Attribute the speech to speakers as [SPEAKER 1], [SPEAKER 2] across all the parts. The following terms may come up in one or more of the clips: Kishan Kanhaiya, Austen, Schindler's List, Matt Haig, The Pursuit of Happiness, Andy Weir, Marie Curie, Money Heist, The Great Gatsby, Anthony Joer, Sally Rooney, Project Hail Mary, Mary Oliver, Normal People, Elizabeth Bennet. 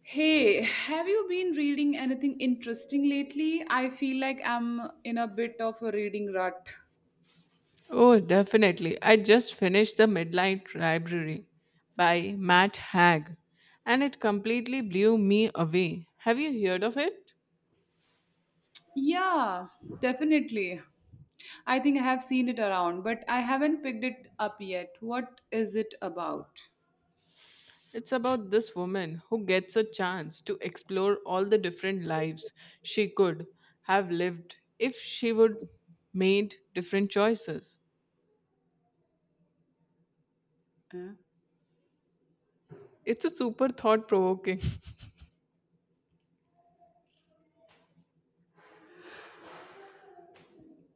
[SPEAKER 1] Hey, have you been reading anything interesting lately? I feel like I'm in a bit of a reading rut.
[SPEAKER 2] Oh, definitely. I just finished The Midnight Library by Matt Haig and it completely blew me away. Have you heard of it?
[SPEAKER 1] Yeah, definitely. I think I have seen it around, but I haven't picked it up yet. What is it about?
[SPEAKER 2] It's about this woman who gets a chance to explore all the different lives she could have lived if she would made different choices.
[SPEAKER 1] Eh?
[SPEAKER 2] It's a super thought provoking.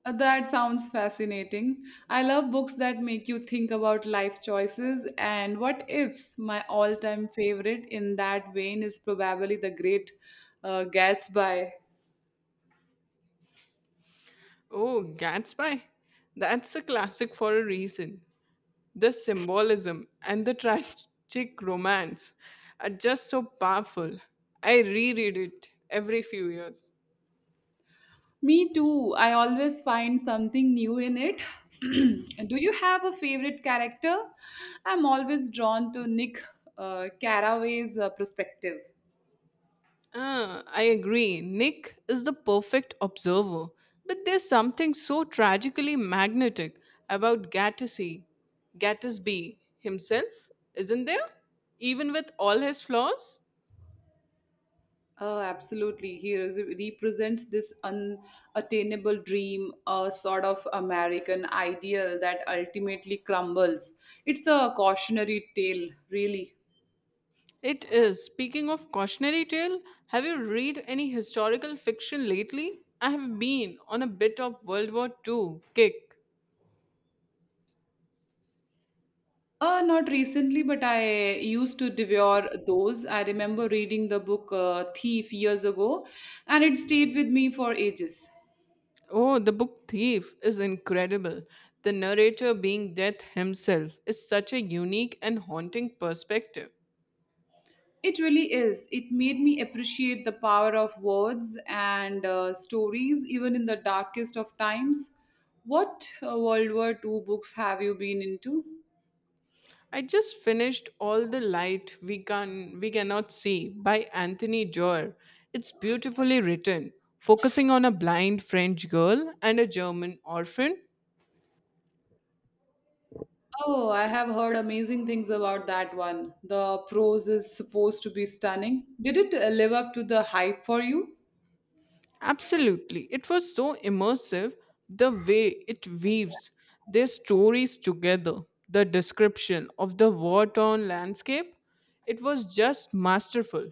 [SPEAKER 1] That sounds fascinating. I love books that make you think about life choices and what ifs. My all time favorite in that vein is probably The Great Gatsby.
[SPEAKER 2] Oh, Gatsby. That's a classic for a reason. The symbolism and the tragic romance are just so powerful. I reread it every few years.
[SPEAKER 1] Me too. I always find something new in it. Do you have a favorite character? I'm always drawn to Nick Carraway's perspective.
[SPEAKER 2] Ah, I agree. Nick is the perfect observer, but there's something so tragically magnetic about Gattacy, Gatsby himself, isn't there? Even with all his flaws?
[SPEAKER 1] Oh, absolutely. He represents this unattainable dream, a sort of American ideal that ultimately crumbles. It's a cautionary tale, really.
[SPEAKER 2] It is. Speaking of cautionary tale, have you read any historical fiction lately? I have been on a bit of World War Two kick.
[SPEAKER 1] Not recently, but I used to devour those. I remember reading the book Thief years ago, and it stayed with me for ages.
[SPEAKER 2] Oh, the book Thief is incredible. The narrator being Death himself is such a unique and haunting perspective.
[SPEAKER 1] It really is. It made me appreciate the power of words and stories, even in the darkest of times. What World War Two books have you been into?
[SPEAKER 2] I just finished All the Light We Cannot See by Anthony Joer. It's beautifully written, focusing on a blind French girl and a German orphan.
[SPEAKER 1] Oh, I have heard amazing things about that one. The prose is supposed to be stunning. Did it live up to the hype for you?
[SPEAKER 2] Absolutely. It was so immersive the way it weaves their stories together, the description of the war torn landscape. It was just masterful.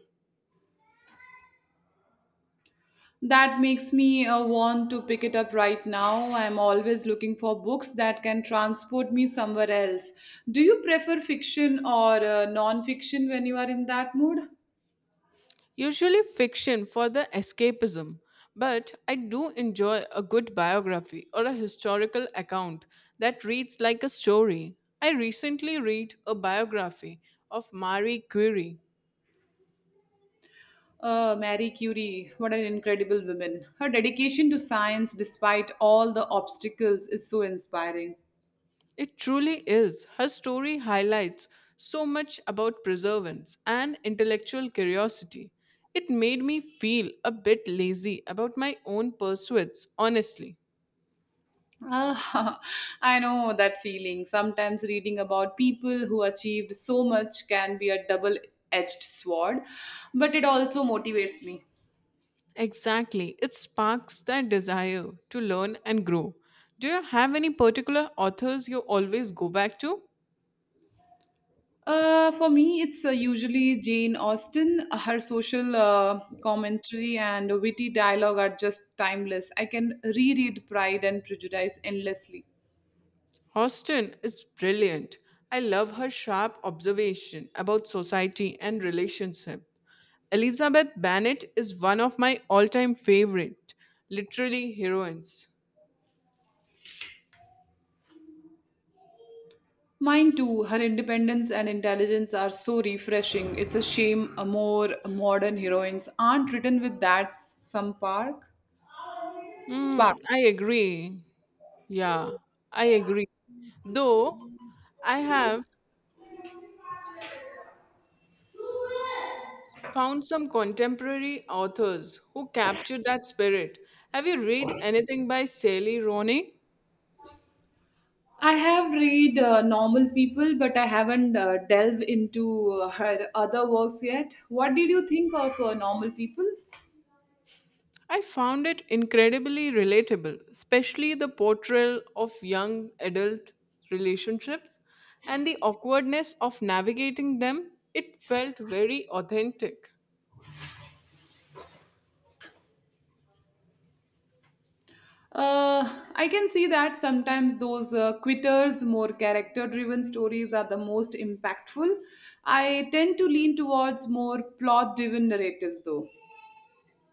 [SPEAKER 1] That makes me want to pick it up right now. I'm always looking for books that can transport me somewhere else. Do you prefer fiction or non fiction when you are in that mood?
[SPEAKER 2] Usually fiction for the escapism, but I do enjoy a good biography or a historical account that reads like a story. I recently read a biography of Marie Curie.
[SPEAKER 1] Marie Curie, what an incredible woman. Her dedication to science, despite all the obstacles, is so inspiring.
[SPEAKER 2] It truly is. Her story highlights so much about perseverance and intellectual curiosity. It made me feel a bit lazy about my own pursuits, honestly.
[SPEAKER 1] Ah, I know that feeling. Sometimes reading about people who achieved so much can be a double edged sword, but it also motivates me.
[SPEAKER 2] Exactly. It sparks that desire to learn and grow. Do you have any particular authors you always go back to?
[SPEAKER 1] For me, it's usually Jane Austen. Her social commentary and witty dialogue are just timeless. I can reread Pride and Prejudice endlessly.
[SPEAKER 2] Austen is brilliant. I love her sharp observation about society and relationship. Elizabeth Bennet is one of my all-time favorite literary heroines.
[SPEAKER 1] Mine too. Her independence and intelligence are so refreshing. It's a shame more modern heroines aren't written with that some park spark.
[SPEAKER 2] Hmm, I agree. Yeah, I agree. Though I have found some contemporary authors who capture that spirit. Have you read anything by Sally Rooney?
[SPEAKER 1] I have read Normal People, but I haven't delved into her other works yet. What did you think of Normal People?
[SPEAKER 2] I found it incredibly relatable, especially the portrayal of young adult relationships and the awkwardness of navigating them. It felt very authentic.
[SPEAKER 1] I can see that sometimes those quitters, more character driven stories are the most impactful. I tend to lean towards more plot driven narratives though.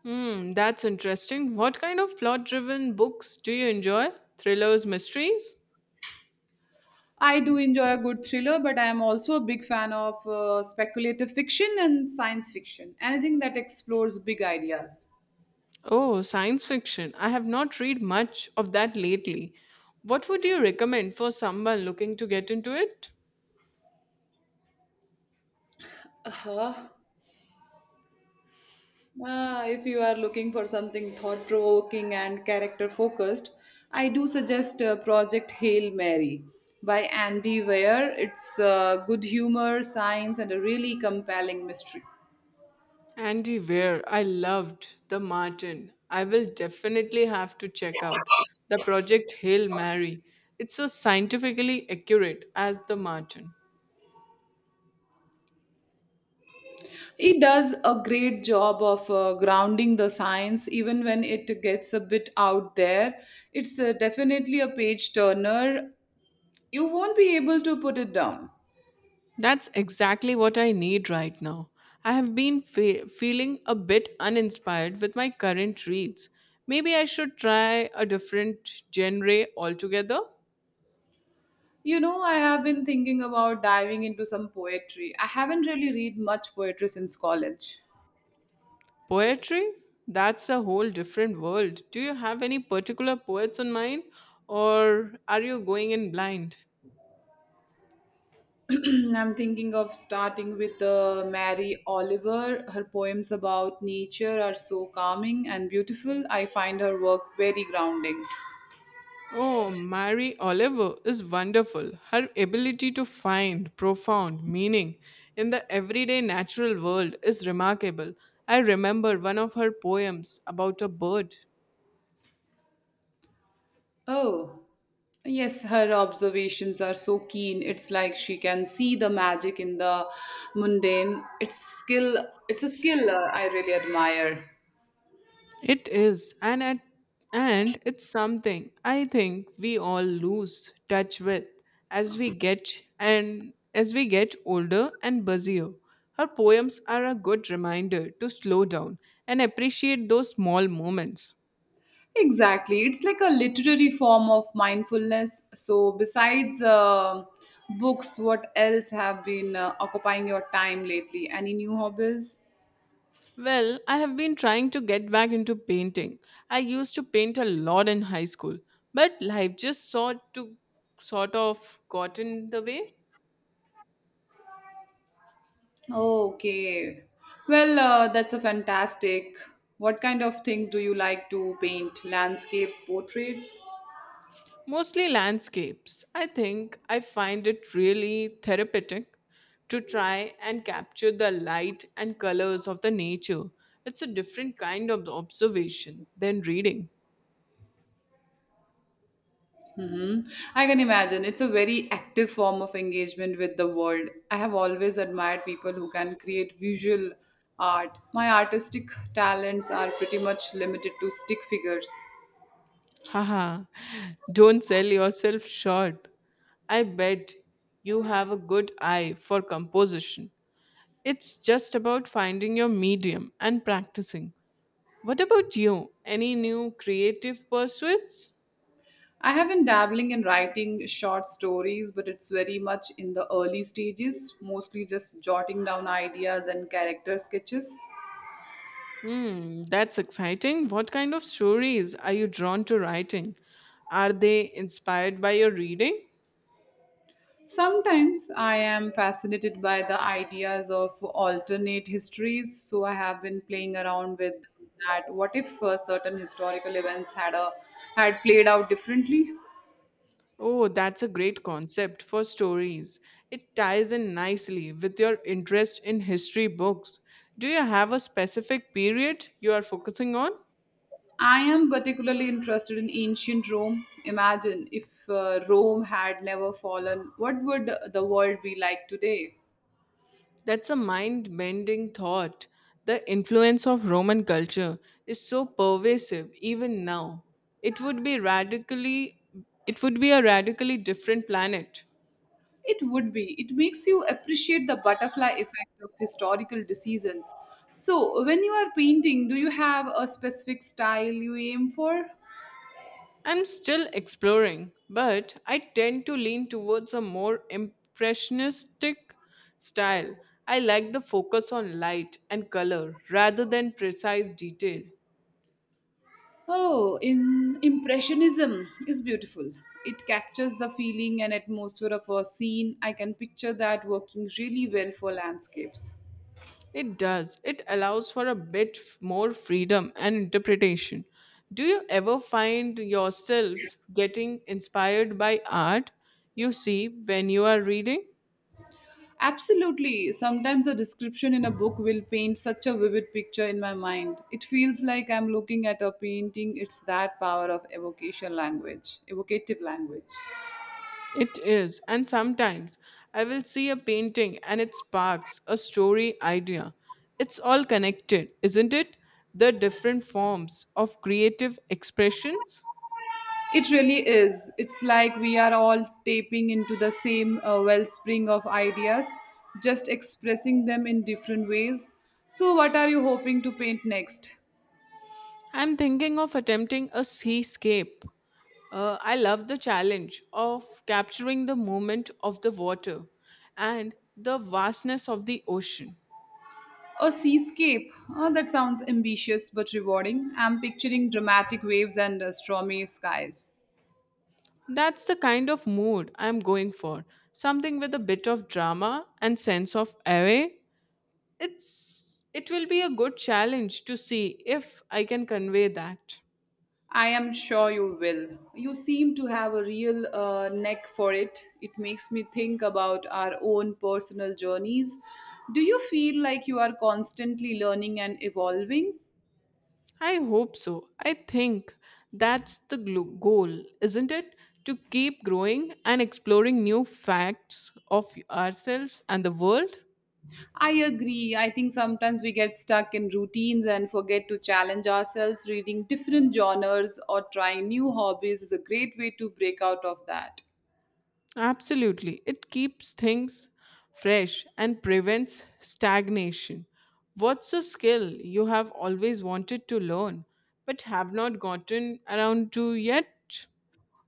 [SPEAKER 2] Hmm, that's interesting. What kind of plot driven books do you enjoy? Thrillers, mysteries?
[SPEAKER 1] I do enjoy a good thriller, but I am also a big fan of speculative fiction and science fiction, anything that explores big ideas.
[SPEAKER 2] Oh, science fiction. I have not read much of that lately. What would you recommend for someone looking to get into it?
[SPEAKER 1] Uh-huh. Ah, if you are looking for something thought provoking and character focused, I do suggest Project Hail Mary by Andy Weir. It's good humor, science, and a really compelling mystery.
[SPEAKER 2] Andy Weir, I loved The Martin. I will definitely have to check out the Project Hail Mary. It's so scientifically accurate as The Martin.
[SPEAKER 1] It does a great job of grounding the science, even when it gets a bit out there. It's definitely a page turner. You won't be able to put it down.
[SPEAKER 2] That's exactly what I need right now. I have been feeling a bit uninspired with my current reads. Maybe I should try a different genre altogether.
[SPEAKER 1] You know, I have been thinking about diving into some poetry. I haven't really read much poetry since college.
[SPEAKER 2] Poetry? That's a whole different world. Do you have any particular poets in mind, or are you going in blind?
[SPEAKER 1] I'm thinking of starting with Mary Oliver. Her poems about nature are so calming and beautiful. I find her work very grounding.
[SPEAKER 2] Oh, Mary Oliver is wonderful. Her ability to find profound meaning in the everyday natural world is remarkable. I remember one of her poems about a bird.
[SPEAKER 1] Oh, yes, her observations are so keen. It's like she can see the magic in the mundane. It's a skill I really admire.
[SPEAKER 2] It is, and it's something I think we all lose touch with as we get older and busier. Her poems are a good reminder to slow down and appreciate those small moments.
[SPEAKER 1] Exactly. It's like a literary form of mindfulness. So, besides books, what else have been occupying your time lately? Any new hobbies?
[SPEAKER 2] Well, I have been trying to get back into painting. I used to paint a lot in high school, but life just sort of got in the way.
[SPEAKER 1] Oh, okay. Well, that's a fantastic. What kind of things do you like to paint? Landscapes, portraits?
[SPEAKER 2] Mostly landscapes. I think I find it really therapeutic to try and capture the light and colors of the nature. It's a different kind of observation than reading.
[SPEAKER 1] Hmm, I can imagine. It's a very active form of engagement with the world. I have always admired people who can create visual art. My artistic talents are pretty much limited to stick figures.
[SPEAKER 2] Haha, don't sell yourself short. I bet you have a good eye for composition. It's just about finding your medium and practicing. What about you? Any new creative pursuits?
[SPEAKER 1] I have been dabbling in writing short stories, but it's very much in the early stages, mostly just jotting down ideas and character sketches.
[SPEAKER 2] Hmm, that's exciting. What kind of stories are you drawn to writing? Are they inspired by your reading?
[SPEAKER 1] Sometimes I am fascinated by the ideas of alternate histories, so I have been playing around with that. What if certain historical events had played out differently?
[SPEAKER 2] Oh, that's a great concept for stories. It ties in nicely with your interest in history books. Do you have a specific period you are focusing on?
[SPEAKER 1] I am particularly interested in ancient Rome. Imagine if Rome had never fallen, what would the world be like today?
[SPEAKER 2] That's a mind bending thought. The influence of Roman culture is so pervasive even now. It would be radically it would be a radically different planet.
[SPEAKER 1] It would be. It makes you appreciate the butterfly effect of historical decisions. So, when you are painting, do you have a specific style you aim for?
[SPEAKER 2] I'm still exploring, but I tend to lean towards a more impressionistic style. I like the focus on light and color rather than precise detail.
[SPEAKER 1] Oh, in impressionism is beautiful. It captures the feeling and atmosphere of a scene. I can picture that working really well for landscapes.
[SPEAKER 2] It does. It allows for a bit more freedom and interpretation. Do you ever find yourself getting inspired by art you see when you are reading?
[SPEAKER 1] Absolutely. Sometimes a description in a book will paint such a vivid picture in my mind. It feels like I'm looking at a painting. It's that power of evocative language.
[SPEAKER 2] It is. And sometimes I will see a painting and it sparks a story idea. It's all connected, isn't it? The different forms of creative expressions.
[SPEAKER 1] It really is. It's like we are all tapping into the same wellspring of ideas, just expressing them in different ways. So, what are you hoping to paint next?
[SPEAKER 2] I'm thinking of attempting a seascape. I love the challenge of capturing the movement of the water and the vastness of the ocean.
[SPEAKER 1] A seascape. Oh, that sounds ambitious but rewarding. I'm picturing dramatic waves and stormy skies.
[SPEAKER 2] That's the kind of mood I'm going for. Something with a bit of drama and sense of awe. It will be a good challenge to see if I can convey that.
[SPEAKER 1] I am sure you will. You seem to have a real neck for it. It makes me think about our own personal journeys. Do you feel like you are constantly learning and evolving?
[SPEAKER 2] I hope so. I think that's the goal, isn't it? To keep growing and exploring new facts of ourselves and the world?
[SPEAKER 1] I agree. I think sometimes we get stuck in routines and forget to challenge ourselves. Reading different genres or trying new hobbies is a great way to break out of that.
[SPEAKER 2] Absolutely. It keeps things fresh and prevents stagnation. What's a skill you have always wanted to learn but have not gotten around to yet?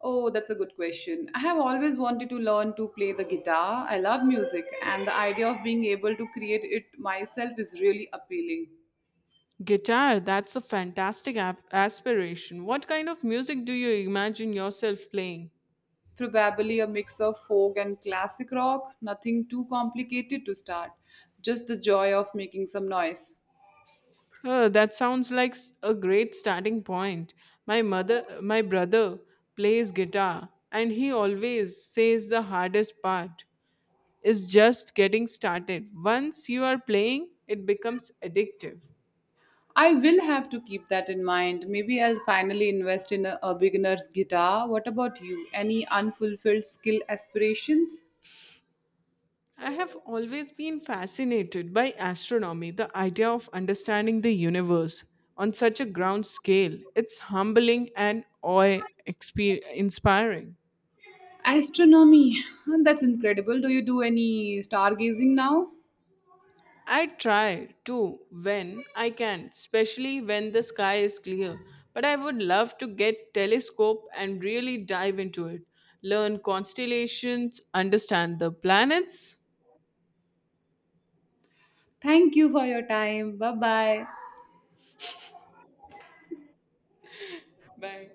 [SPEAKER 1] Oh, that's a good question. I have always wanted to learn to play the guitar. I love music, and the idea of being able to create it myself is really appealing.
[SPEAKER 2] Guitar, that's a fantastic aspiration. What kind of music do you imagine yourself playing?
[SPEAKER 1] Probably a mix of folk and classic rock, nothing too complicated to start, just the joy of making some noise.
[SPEAKER 2] That sounds like a great starting point. My brother plays guitar and he always says the hardest part is just getting started. Once you are playing, it becomes addictive.
[SPEAKER 1] I will have to keep that in mind. Maybe I'll finally invest in a beginner's guitar. What about you? Any unfulfilled skill aspirations?
[SPEAKER 2] I have always been fascinated by astronomy, the idea of understanding the universe on such a ground scale. It's humbling and inspiring.
[SPEAKER 1] Astronomy. That's incredible. Do you do any stargazing now?
[SPEAKER 2] I try to when I can, especially when the sky is clear. But I would love to get telescope and really dive into it, learn constellations, understand the planets.
[SPEAKER 1] Thank you for your time. Bye bye.
[SPEAKER 2] Bye.